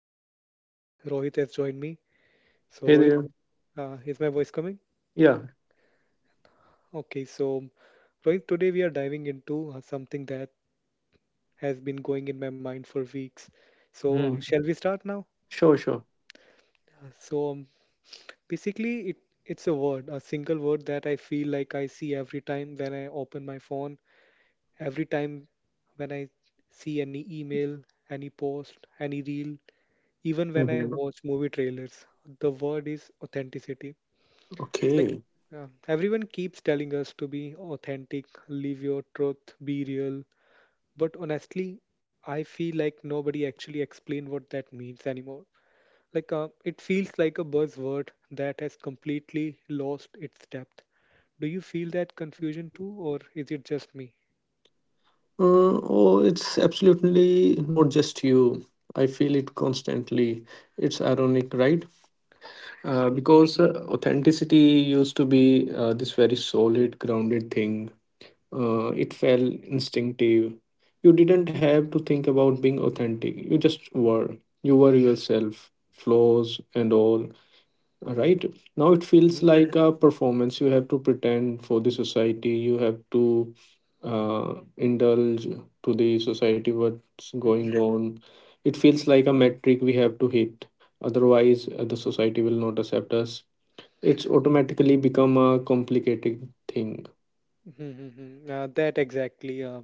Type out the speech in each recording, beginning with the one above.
and today Rohit has joined me. So, Hey Rohit, there. Is my voice coming? Yeah. Okay, so Rohit, today we are diving into something that has been going in my mind for weeks. So, Mm. shall we start now? Sure, sure. Uh, So, um, basically, it's a word, a single word that I feel like I see every time when I open my phone, every time when I see any email, any post, any reel, even when I Mhm. watch movie trailers. The word is authenticity. Like, Okay. Everyone keeps telling us to be authentic, live your truth, be real, but honestly, I feel like nobody actually explain what that means anymore. Like it feels like a buzzword that has completely lost its depth. Do you feel that confusion too, or is it just me? Oh, it's absolutely not just you. I feel it constantly. It's ironic, right? Hmm Because authenticity used to be this very solid, grounded thing. It felt instinctive. You didn't have to think about being authentic. You just were. You were yourself, flaws and all. Right now it feels hmm like a performance. You have to pretend for the society. You have to indulge to the society. What's hmm hmm going on? It feels like a metric we have to hit. Otherwise, the society will not accept us. It's automatically become a complicated thing. Mhm, mhm. That exactly.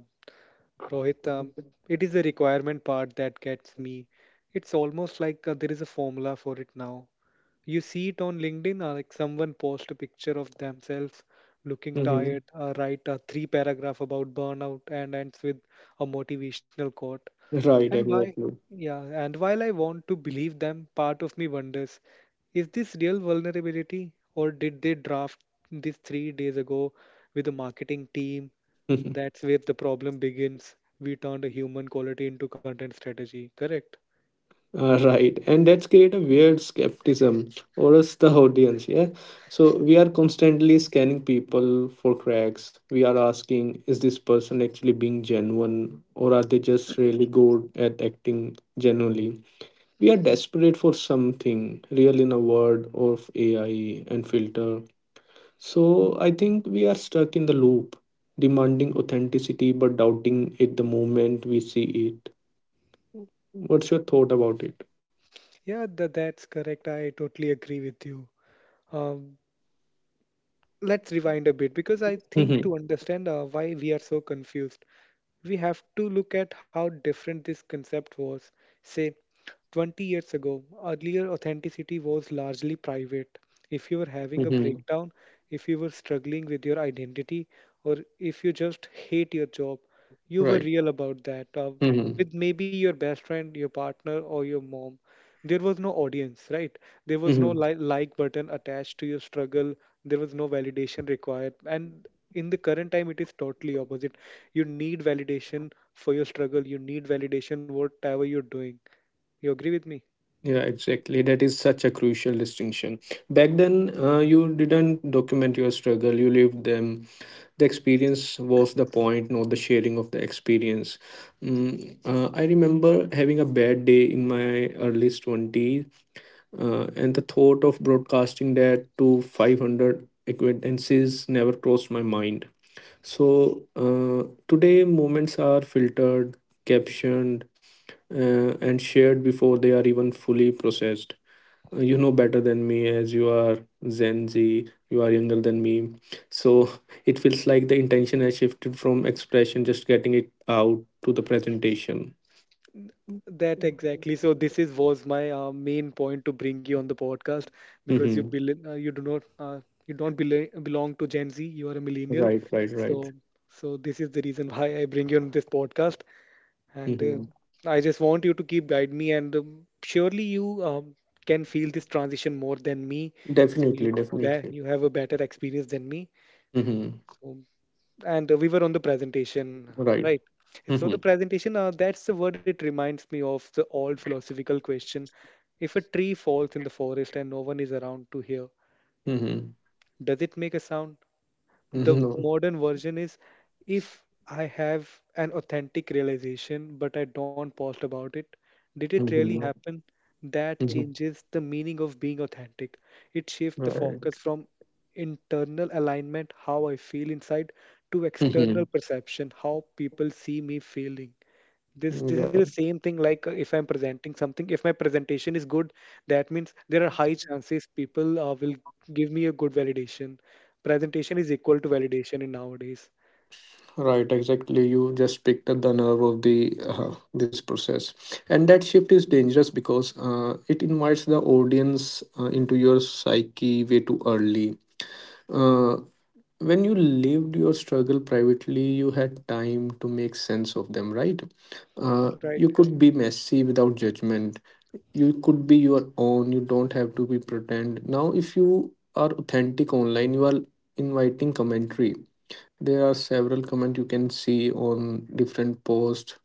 Rohit, it is the requirement part that gets me. It's almost like there is a formula for it now. You see it on LinkedIn, like someone post a picture of themselves looking Mhm. tired, write a three paragraph about burnout, and ends with a motivational quote. Right, And why? exactly. Yeah, and while I want to believe them, part of me wonders, is this real vulnerability, or did they draft this 3 days ago with a marketing team? That's where the problem begins. We turned a human quality into content strategy, correct? Right, and that's create a weird skepticism, or else the audience, yeah. So we are constantly scanning people for cracks. We are asking, is this person actually being genuine, or are they just really good at acting genuinely? We are desperate for something real in a world of AI and filter. So I think we are stuck in the loop, demanding authenticity but doubting it the moment we see it. What's your thought about Yeah, that's correct. I totally agree with you. Um, let's rewind a bit, because I think it? to understand why we are so confused, we have to look at how different this concept was, say, 20 years ago. Earlier, authenticity was largely private. If you were having a Hmm. breakdown, if you were struggling with your identity, or if you just hate your job, you were Right. real about that. Hmm. With maybe your best friend, your partner, or your mom, there was no audience, right? There was no Hmm. Like button attached to your struggle. There was no validation required. And in the current time, it is totally opposite. You need validation for your struggle. You need validation whatever you're doing. You agree with me? Yeah, exactly. That is such a crucial distinction. Back then, you didn't document your struggle, you lived them. The experience was the point, not the sharing of the experience. I remember having a bad day in my early 20s, and the thought of broadcasting that to 500 acquaintances never crossed my mind. So today, moments are filtered, captioned, uh, and shared before they are even fully processed. You know better than me as you are Gen Z, you are younger than me. So it feels like the intention has shifted from expression, just getting it out, to the presentation. That exactly. So this is was my main point to bring you on the podcast, because Mm-hmm. You do not you don't belong to Gen Z. You are a millennial. Right, right, right. So so this is the reason why I bring you on this podcast. And Mm-hmm. I just want you to keep guide me. And surely you can feel this transition more than me. So Definitely, you be definitely. you have a better experience than me. Mm-hmm. So, and we were on the presentation, Right. right? So the Mm-hmm. presentation, that's the word, it reminds me of the old philosophical question. If a tree falls in the forest and no one is around to hear, Mm-hmm. does it make a sound? The Mm-hmm. No. modern version is, if I have an authentic realization, but I don't post about it, did it really Mm-hmm. happen? That Mm-hmm. changes the meaning of being authentic. It shifts the Right. focus from internal alignment, how I feel inside, to external Mm-hmm. perception, how people see me feeling. This is Yeah. the same thing, like if I'm presenting something, if my presentation is good, that means there are high chances people will give me a good validation. Presentation is equal to validation in nowadays, Right, exactly. You just picked up the nerve of the this process, and that shift is dangerous because it invites the audience into your psyche way too early. Uh, when you lived your struggle privately, you had time to make sense of them, right? Right? You could be messy without judgment. You could be your own. You don't have to be pretend. Now, if you are authentic online, you are inviting commentary. There are several comments you can see on different posts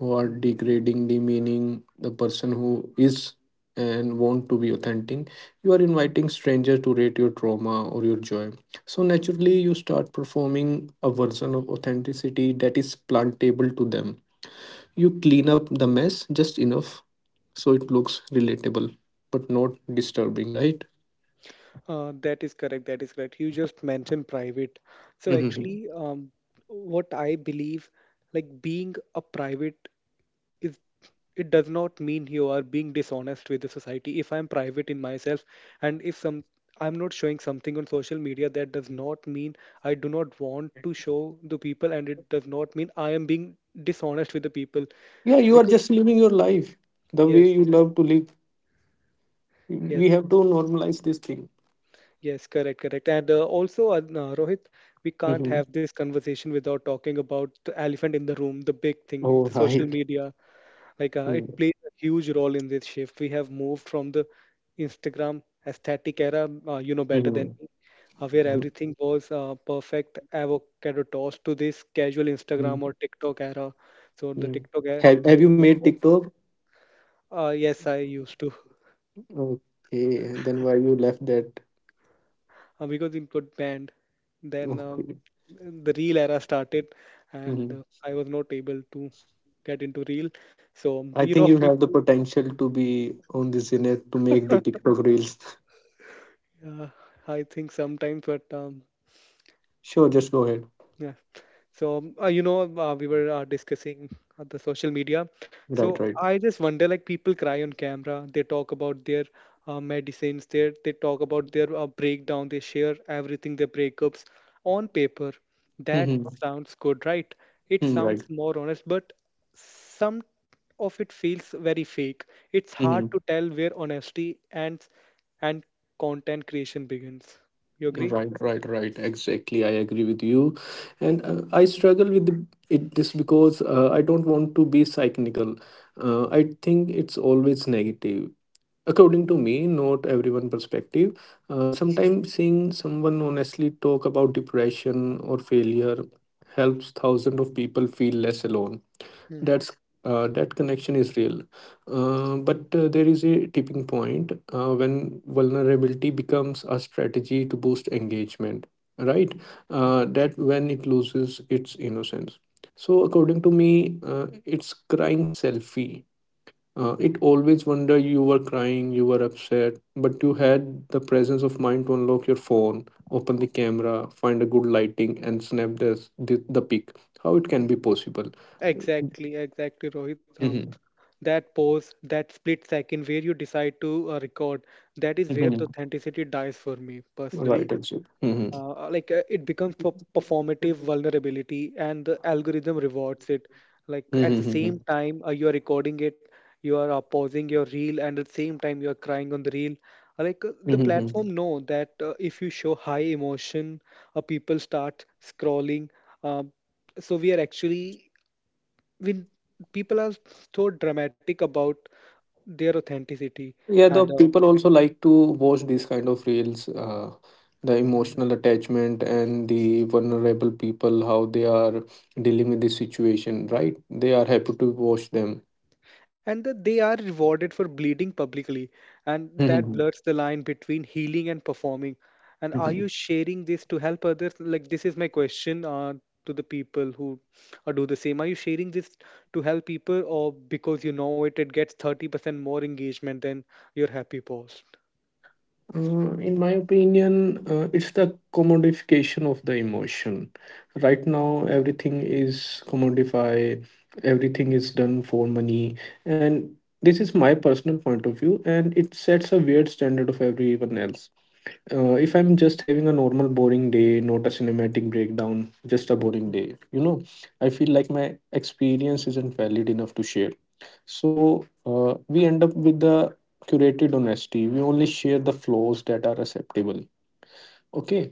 who are Mhm. degrading, demeaning the person who is and want to be authentic. You are inviting strangers to rate your trauma or your joy. So naturally, you start performing a version of authenticity that is plantable to them. You clean up the mess just enough so it looks relatable but not disturbing, right? That is correct, that is correct. You just mentioned private. So Mhm. actually, what I believe, like being a private is, it does not mean you are being dishonest with the society. If I'm private in myself, and if some I'm not showing something on social media, that does not mean I do not want to show the people, and it does not mean I am being dishonest with the people, Yeah, you are because just living your life the way yes, you love to live. yes. We have to normalize this thing. Yes, correct, correct. And also, no, Rohit, we can't Mm-hmm. have this conversation without talking about the elephant in the room, the big thing, Oh, the social right. media. Like it Mm-hmm. plays a huge role in this shift. We have moved from the Instagram aesthetic era, you know better than me, where everything was perfect avocado toast, to this casual Instagram or TikTok era. So the Mm-hmm. TikTok era Have is you no made more. tiktok? Yes, I used to. Okay, and then why you left that? Because it got banned. Then Okay. the real era started, Mm-hmm. and I was not able to get into real. So I you know think you have the people, potential to be on this internet to make the tiktok reels. uh, I think sometimes, but Sure, just go ahead. yeah. So, you know, we were discussing the social media. Right, So right. I just wonder, like, people cry on camera. They talk about their medicines. They talk about their breakdown. They share everything, their breakups on paper. That Mm-hmm. sounds good, right? It Right. sounds more honest, but some of it feels very fake. It's Hmm. hard to tell where honesty and and content creation begins. You agree? Right, right, right. Exactly. I agree with you. And I struggle with it this because I don't want to be cynical. I think it's always negative. According to me, not everyone perspective. Sometimes seeing someone honestly talk about depression or failure helps thousands of people feel less alone. Hmm. that's that connection is real. But there is a tipping point when vulnerability becomes a strategy to boost engagement, right. That when it loses its innocence. So according to me, it's crying selfie. It always wonder: you were crying, you were upset, but you had the presence of mind to unlock your phone, open the camera, find a good lighting, and snap this, the pic. How it can be possible? Exactly, exactly, Rohit. Mhm. That pause, that split second where you decide to record, that is where the Mhm. authenticity dies for me personally. Right, exactly. Mhm. Like it becomes performative vulnerability, and the algorithm rewards it. Like Mhm, at the mhm, same mhm. time, you are recording it, you are pausing your reel, and at the same time, you are crying on the reel. Like the Mhm, mhm. platform know that if you show high emotion, people start scrolling. Um, so we are actually when people are so dramatic about their authenticity, Yeah, the and uh, people also like to watch these kind of reels, the emotional attachment and the vulnerable people, how they are dealing with this situation, right? They are happy to watch them. and that they are rewarded for bleeding publicly, and Mhm. that blurs the line between healing and performing. And are Mhm. you sharing this to help others? Like, this is my question to the people who do the same. Are you sharing this to help people, or because you know it gets 30% more engagement than your happy post? In my opinion, it's the commodification of the emotion. Right now, everything is commodified, everything is done for money. And this is my personal point of view, and it sets a weird standard of everyone else. If I'm just having a normal, boring day, not a cinematic breakdown, just a boring Mhm, day, I feel like my experience isn't valid enough to share. So we end up with the curated honesty. We only share the flaws that are acceptable. Okay,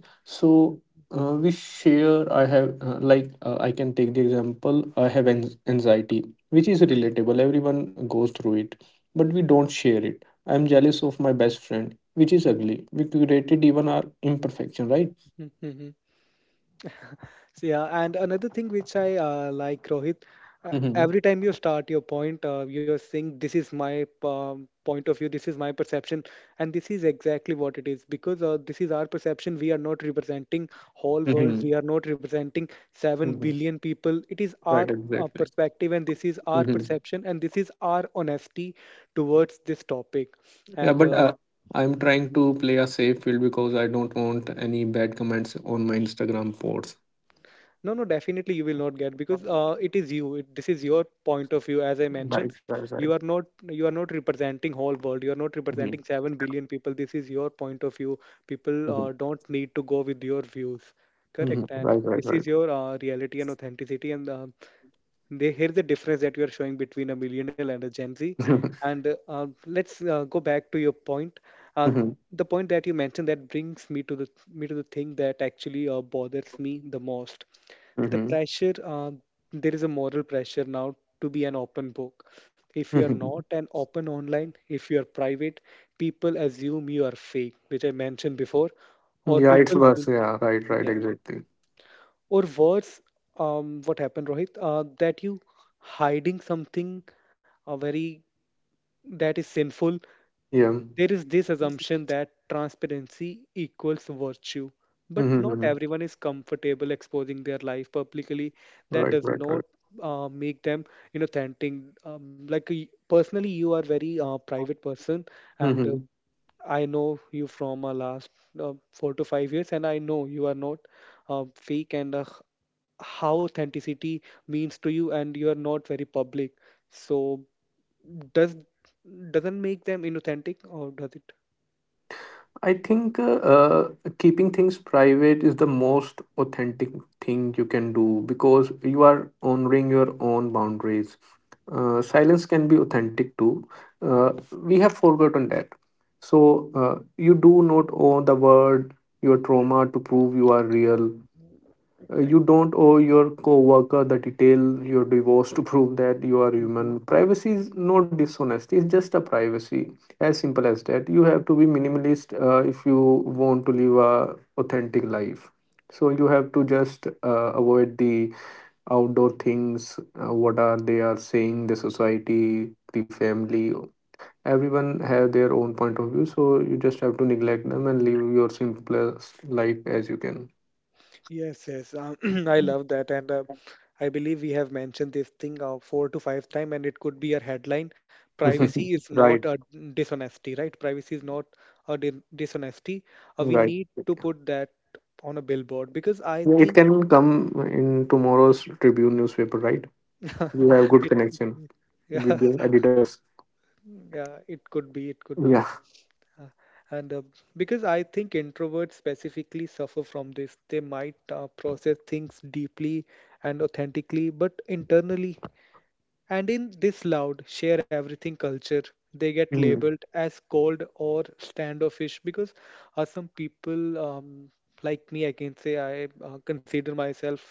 mhm, so we share. I have I can take the example. I have anxiety, which is relatable. Everyone goes through it, but we don't share it. I'm jealous of my best friend, which is ugly. We curated even our imperfection, right? mhm, mhm. So, yeah, and another thing which I like, Rohit, Mm-hmm. every time you start your point, you're saying, this is my point of view, this is my perception, and this is exactly what it is, because this is our perception. We are not representing whole world, Mm-hmm. we are not representing 7 Hmm. billion people. It is our Right. Exactly. perspective, and this is our Mhm. perception, and this is our honesty towards this topic. Yeah, And but I'm trying to play a safe field because I don't want any bad comments on my Instagram posts. no, no, definitely you will not get, because it is you. It, this is your point of view. As I mentioned, Right, right, you right. are not you are not representing whole world. You are not representing Mhm, 7 billion people. This is your point of view. People mhm. Don't need to go with your views. Mhm. Correct, and Right, right, this is right. your reality and authenticity. And um, they, here's the difference that you are showing between a millennial and a Gen Z. And let's go back to your point. Uh, Mhm, the point that you mentioned that brings me to the thing that actually bothers me the most, the mhm, pressure. There is a moral pressure now to be an open book. If you are mhm. not an open online, if you are private, people assume you are fake, which I mentioned before, or Yeah, it's people will, worse. Yeah, right, right, yeah, exactly. or worse. Um, what happened, Rohit, that you hiding something very, that is sinful. Yeah. Mhm, There is this assumption that transparency equals virtue, but mhm, not mhm. everyone is comfortable exposing their life publicly. That Right, does right, not right. Make them inauthentic. Like personally, you are very private person, and Mm-hmm. I know you from last 4 to 5 years, and I know you are not fake, and how authenticity means to you, and you are not very public. So does doesn't make them inauthentic, or does it? I think uh, keeping things private is the most authentic thing you can do because you are honoring your own boundaries. Silence can be authentic too. We have forgotten that. So you do not owe the world your trauma to prove you are real. You don't owe your coworker the detail your divorce to prove that you are Hmm. human. Privacy is not dishonesty; it's just a privacy, as simple as that. You have to be minimalist if you want to live a authentic life. So you have to just avoid the outdoor things. What are they are saying? The society, the family, everyone have their own point of view. So you just have to neglect them and live your simplest life as you can. Yes, yes. Um, I love that. And I believe we have mentioned this thing four to five time, and it could be a headline. Privacy is not Right. a dishonesty, right? Privacy is not a dishonesty. We Right. need to put that on a billboard, because I Yeah, it think can come in tomorrow's Tribune newspaper, right? You have good it could connection be with yeah, the editors. yeah, it could be, it could be. Yeah. Uh, And Because I think introverts specifically suffer from this. They might process things deeply and authentically, but internally, and in this loud, share everything culture, they get Mm-hmm. labeled as cold or standoffish. Because some people, like me, I can say I consider myself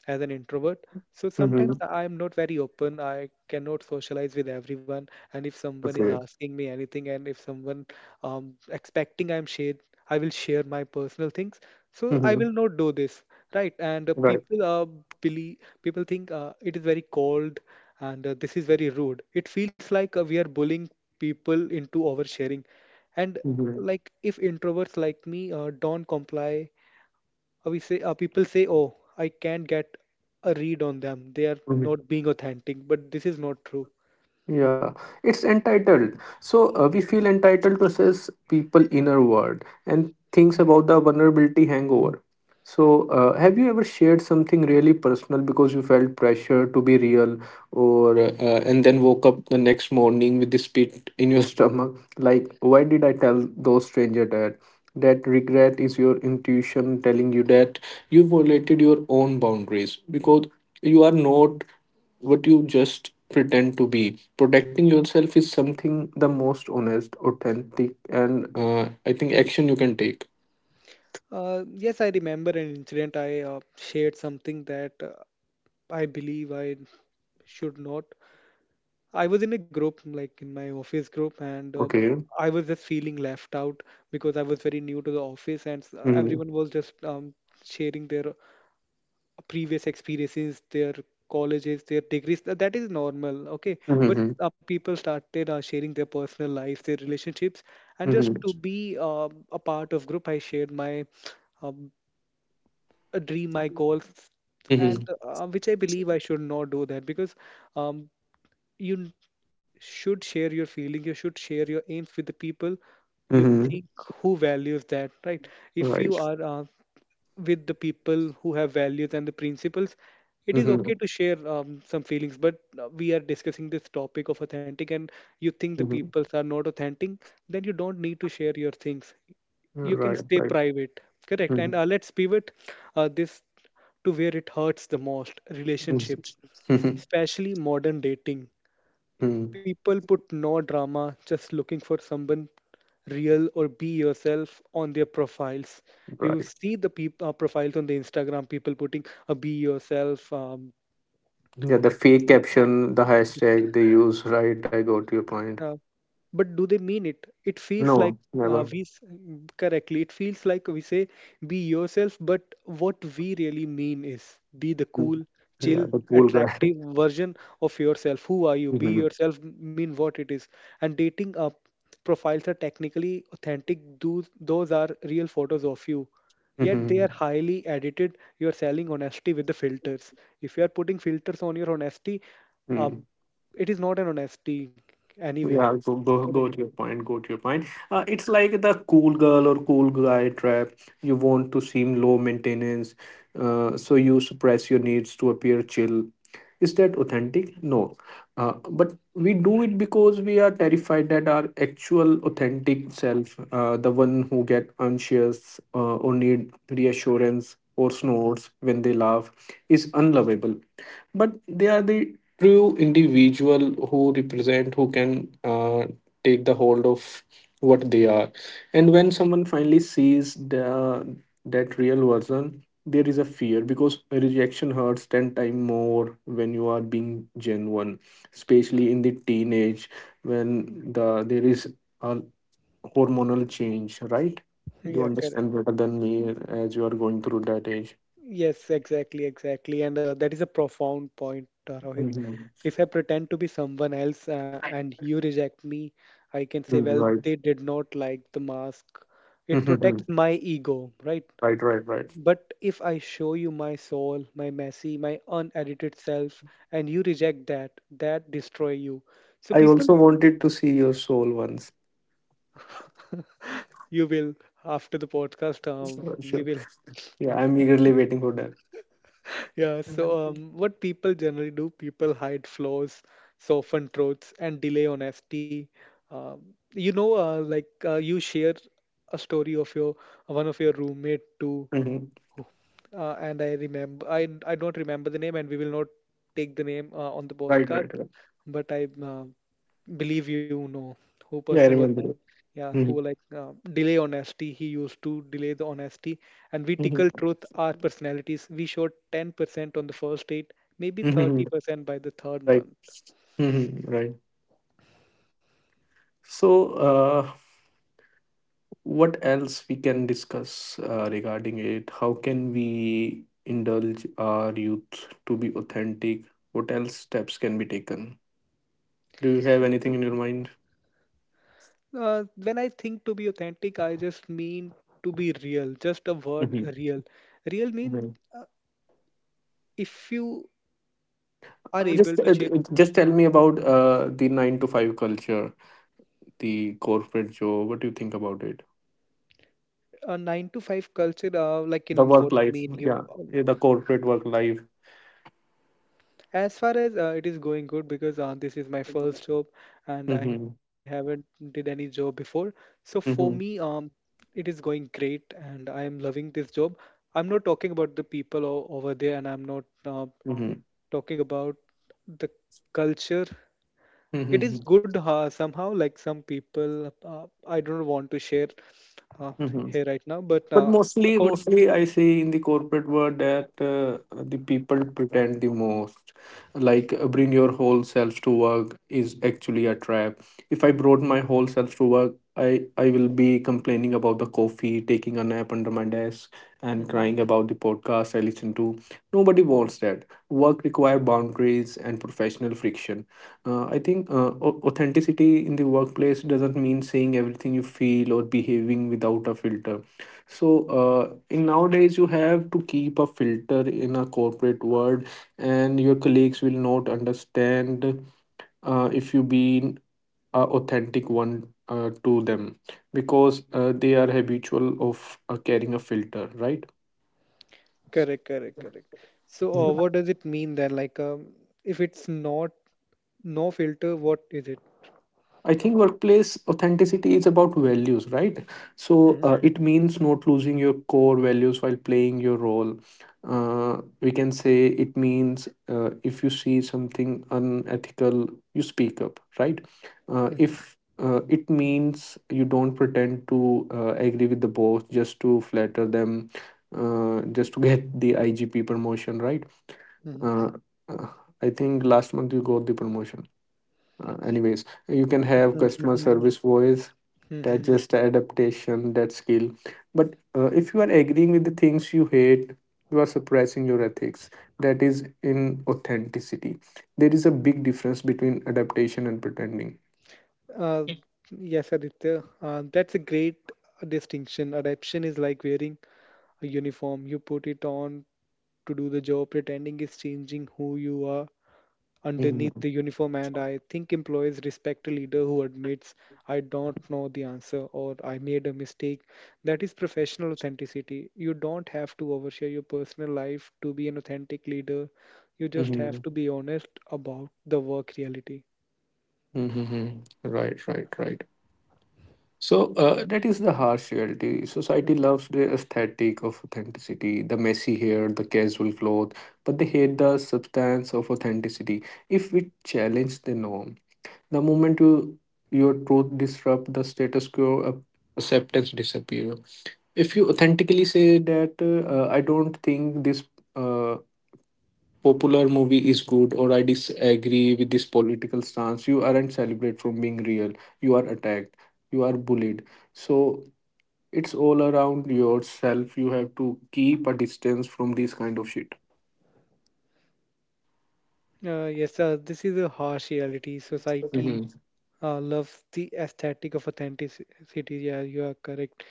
as an introvert. So Mm-hmm. sometimes I am not very open. I cannot socialize with everyone. And if someone is Okay. asking me anything, and if someone expecting I'm shared, I will share my personal things. So I Hmm. will not do this, right? And Right. people believe, people think it is very cold, and this is very rude. It feels like we are bullying people into oversharing. And Hmm. like if introverts like me don't comply, we say people say, "Oh, I can't get a read on them. They are not being authentic." But this is not true. Yeah, it's entitled. So we feel entitled to assess people inner world and things about the vulnerability hangover. So have you ever shared something really personal because you felt pressure to be real or and then woke up the next morning with this pit in your stomach like why did I tell those stranger that? That regret is your intuition telling you that you violated your own boundaries because you are not what you just pretend to be. Protecting yourself is something the most honest, authentic, and I think action you can take. Yes, I remember an incident. I shared something that I believe I should not, I was in a group, like in my office group, and Okay. I was just feeling left out because I was very new to the office, and Mm-hmm. everyone was just sharing their previous experiences, their colleges, their degrees. That is normal, okay? But Mm-hmm. People started sharing their personal lives, their relationships, and just Mm-hmm. to be a part of group, I shared my um, a dream, my goals, and Mm-hmm. Which I believe I should not do that because um, you n- should share your feeling, you should share your aims with the people you Mm-hmm. think who values that, right? If you Right. are with the people who have values and the principles, it is Mm-hmm. okay to share some feelings, but we are discussing this topic of authentic, and you think the Mm-hmm. peoples are not authentic, then you don't need to share your things. You can Right. stay Right. private. Correct. And Mm-hmm. Let's pivot this to where it hurts the most, relationships, Mm-hmm. Mm-hmm. especially modern dating. Mm-hmm. People put no drama, just looking for someone real or be yourself on their profiles. You Right. see the profiles on the Instagram, people putting a be yourself, Yeah, the fake yeah, caption, the the- hashtag they use. Right. I got your point. uh, but do they mean it? It feels like No, never. Correctly. It feels like we say be yourself, but what we really mean is be the Mm. cool, Yeah, chill, the cool guy. attractive version of yourself. Who are you? Be Mm-hmm. yourself mean what it is. And dating up profiles are technically authentic. Those are real photos of you. Yet they Mm-hmm. are highly edited. You are selling honesty with the filters. If you are putting filters on your honesty, um, it is not an honesty anyway. Yeah, go to your point. Go to your point. It's like the cool girl or cool guy trap. You want to seem low maintenance, so you suppress your needs to appear chill. Is that authentic? No. But we do it because we are terrified that our actual authentic self, the one who get anxious or need reassurance or snorts when they laugh, is unlovable, but they are the true individual who represent, who can take the hold of what they are. And when someone finally sees the that real version, there is a fear because rejection hurts 10 times more when you are being genuine, especially in the teenage, when there is a hormonal change, right? You Yeah, understand correct. better than me as you are going through that age. Yes, exactly, exactly. And that is a profound point, Rohit. Mhm. If I pretend to be someone else and you reject me, I can say, Mhm, well, right. they did not like the mask. It Mhm. protects my ego, right? Right, right, right. But if I show you my soul, my messy, my unedited self, and you reject that, that destroy you. So I people, also wanted to see your soul once. you will after the podcast, So, we sure. will. Yeah, yeah, I'm eagerly waiting for that. Yeah, so Hmm. What people generally do, people hide flaws, soften truths, and delay honesty. Um, like you share a story of your one of your roommate too, who- and I remember I don't remember the name, and we will not take the name on the Right, postcard. right, right. But I believe you no who Yeah, I person was that, remember. yeah, who were like delay honesty, he used to delay the honesty, and we tickle Mm-hmm. truth our personalities, we showed 10% on the first date, maybe Hmm. Hmm. 30% by the third Right. month. Hmm. Right. So, uh, what else we can discuss regarding it? How can we indulge our youth to be authentic? What else steps can be taken? Do you have anything in your mind? When I think to be authentic I just mean to be real, just a word real, real means Mm-hmm. uh, if you are able Just, to share just tell me about the nine to five culture. The corporate job? What do you think about it? a 9 to 5 culture like in The work what life, mean you. yeah, yeah, the corporate work life. As far as it is going good because this is my first job and I Mm-hmm. haven't did any job before. So for me, Mm-hmm. It is going great and I am loving this job. I'm not talking about the people over there, and I'm not Mm-hmm. talking about the culture. It is Mm-hmm. good somehow. Like some people, I don't want to share uh, Mm-hmm. here right now, but But mostly, according, mostly I see in the corporate world that the people pretend the most. Like bring your whole self to work is actually a trap. If I brought my whole self to work, I will be complaining about the coffee, taking a nap under my desk, and mhm. crying about the podcast I listen to. Nobody wants that. Work require boundaries and professional friction. I think authenticity in the workplace doesn't mean saying everything you feel or behaving without a filter. In nowadays, you have to keep a filter in a corporate world, and your colleagues will not understand if you be a authentic one to them because they are habitual of carrying a filter, right? Correct, correct, correct. So, what does it mean then? Like, if it's not no filter, what is it? I think workplace authenticity is about values, right? Mhm, It means not losing your core values while playing your role. We can say it means if you see something unethical, you speak up, right? Mhm, If It means you don't pretend to agree with the boss just to flatter them, just to get the IGP promotion, right? mhm, Uh, uh, I think last month you got the promotion. Anyways, you can have mhm, customer mhm, service voice. That mhm. just adaptation, that skill. But if you are agreeing with the things you hate, you are suppressing your ethics. That is in authenticity. There is a big difference between adaptation and pretending. Uh, yes, Aditya, that's a great distinction. Adaption is like wearing a uniform. You put it on to do the job. Pretending is changing who you are underneath Mhm. the uniform, and I think employees respect a leader who admits, I don't know the answer or I made a mistake. That is professional authenticity. You don't have to overshare your personal life to be an authentic leader. You just have Mhm. to be honest about the work reality. Mhm. Right, right, right. So that is the harsh reality. Society Mhm. loves the aesthetic of authenticity, the messy hair, the casual clothes, but they hate the substance of authenticity. If we challenge the norm, the moment your truth disrupt the status quo, acceptance disappears. If you authentically say that I don't think this uh, popular movie is good, or I disagree with this political stance, you aren't celebrated from being real. You are attacked. You are bullied. So it's all around yourself. You have to keep a distance from this kind of shit. Yes, this is a harsh reality. Society Mhm. Loves the aesthetic of authenticity. Yeah, you are correct.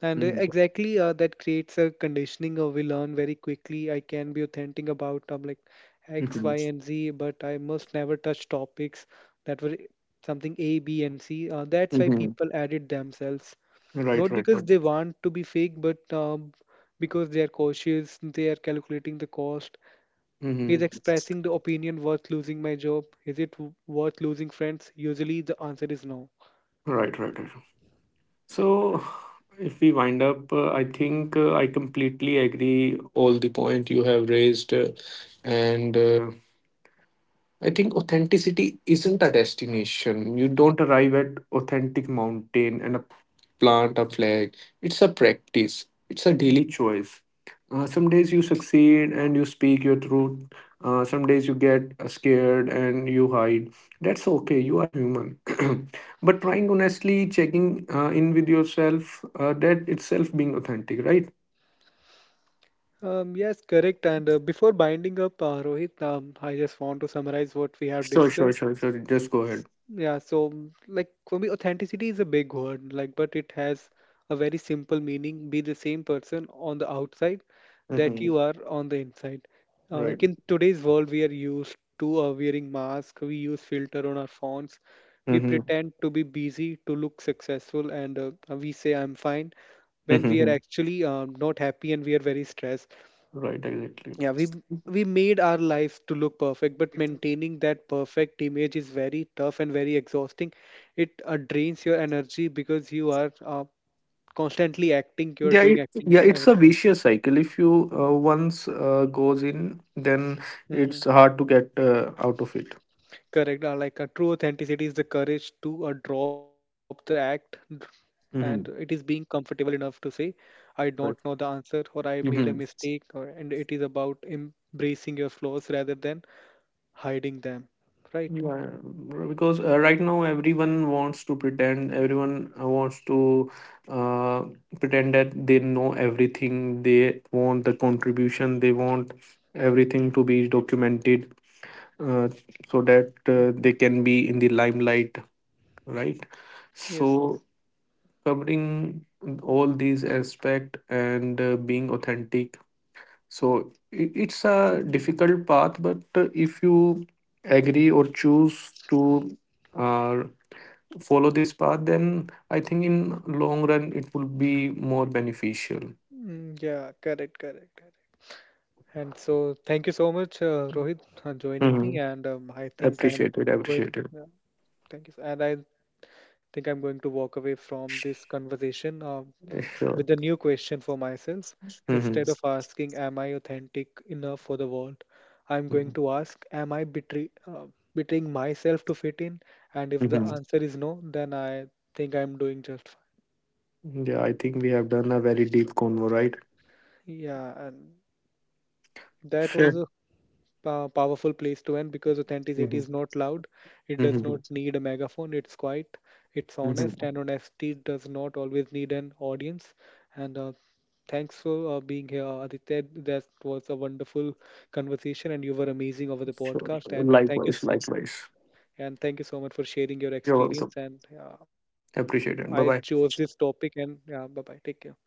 And Mhm. exactly, that creates a conditioning. Or we learn very quickly. I can be authentic about like X, Mhm. Y, and Z, but I must never touch topics that were something A, B, and C. That's why Mhm. people added themselves, Right, not right, right. because they want to be fake, but because they are cautious. They are calculating the cost. Is Mhm. expressing the opinion worth losing my job? Is it worth losing friends? Usually, the answer is no. Right, right, right. So, if we wind up, I think I completely agree all the point you have raised, and. I think authenticity isn't a destination. You don't arrive at authentic mountain and a plant a flag. It's a practice. It's a daily Mhm. choice. Some days you succeed and you speak your truth. Some days you get scared and you hide. That's okay. You are human. But trying honestly, checking in with yourself, that itself being authentic, right? Yes, correct. And before binding up, Rohit, I just want to summarize what we have Sure, sure, discussed. sure, sure. Just go ahead. Yeah, so like for me, authenticity is a big word, like, but it has a very simple meaning. Be the same person on the outside that Hmm. you are on the inside. Right. Like in today's world, we are used to wearing masks, we use filter on our phones, we Hmm. pretend to be busy to look successful, and we say I'm fine when we are Hmm. actually not happy and we are very stressed. Right. Exactly. Yeah, we made our life to look perfect, but maintaining that perfect image is very tough and very exhausting. It drains your energy because you are constantly acting. You're doing acting Yeah, it's a every vicious cycle. If you once goes in, then mm-hmm. it's hard to get out of it. Correct. Like a true authenticity is the courage to drop the act, and it is Mm-hmm. being comfortable enough to say, "I don't know the Right. answer," or "I made a Mm-hmm. mistake," or and it is about embracing your flaws rather than hiding them. Right? Because right now everyone wants to pretend. Everyone wants to uh, pretend that they know everything. They want the contribution. They want everything to be documented, uh, so that Mhm. they can be in the limelight. Right. Yes. So covering all these aspect and being authentic, so it's a difficult path, but if you agree or choose to uh, follow this path, then I think in long run it will be more beneficial. Mm, yeah, correct, correct, correct. And so, thank you so much, Rohit, joining Mm-hmm. me. And I think Appreciated, I'm going. appreciated. Yeah, thank you. And I think I'm going to walk away from this conversation Yeah, sure. with a new question for myself. Mm-hmm. Instead of asking, "Am I authentic enough for the world?" I'm going to ask, "Am I betraying myself to fit in?" And if the Mm-hmm. answer is no, then I think I'm doing just fine. Yeah, I think we have done a very deep convo, right? Yeah, and that was Sure. a powerful place to end because Mm-hmm. authenticity is not loud. It does Mm-hmm. not need a megaphone. It's quiet, it's honest, Mm-hmm. and honesty does not always need an audience. And thanks for being here, Aditya. That was a wonderful conversation, and you were amazing over the Sure, podcast. And thank you likewise, so likewise. and thank you so much for sharing your You're welcome. experience. And Appreciate I it. Bye bye. chose this topic. And yeah, bye bye. Take care.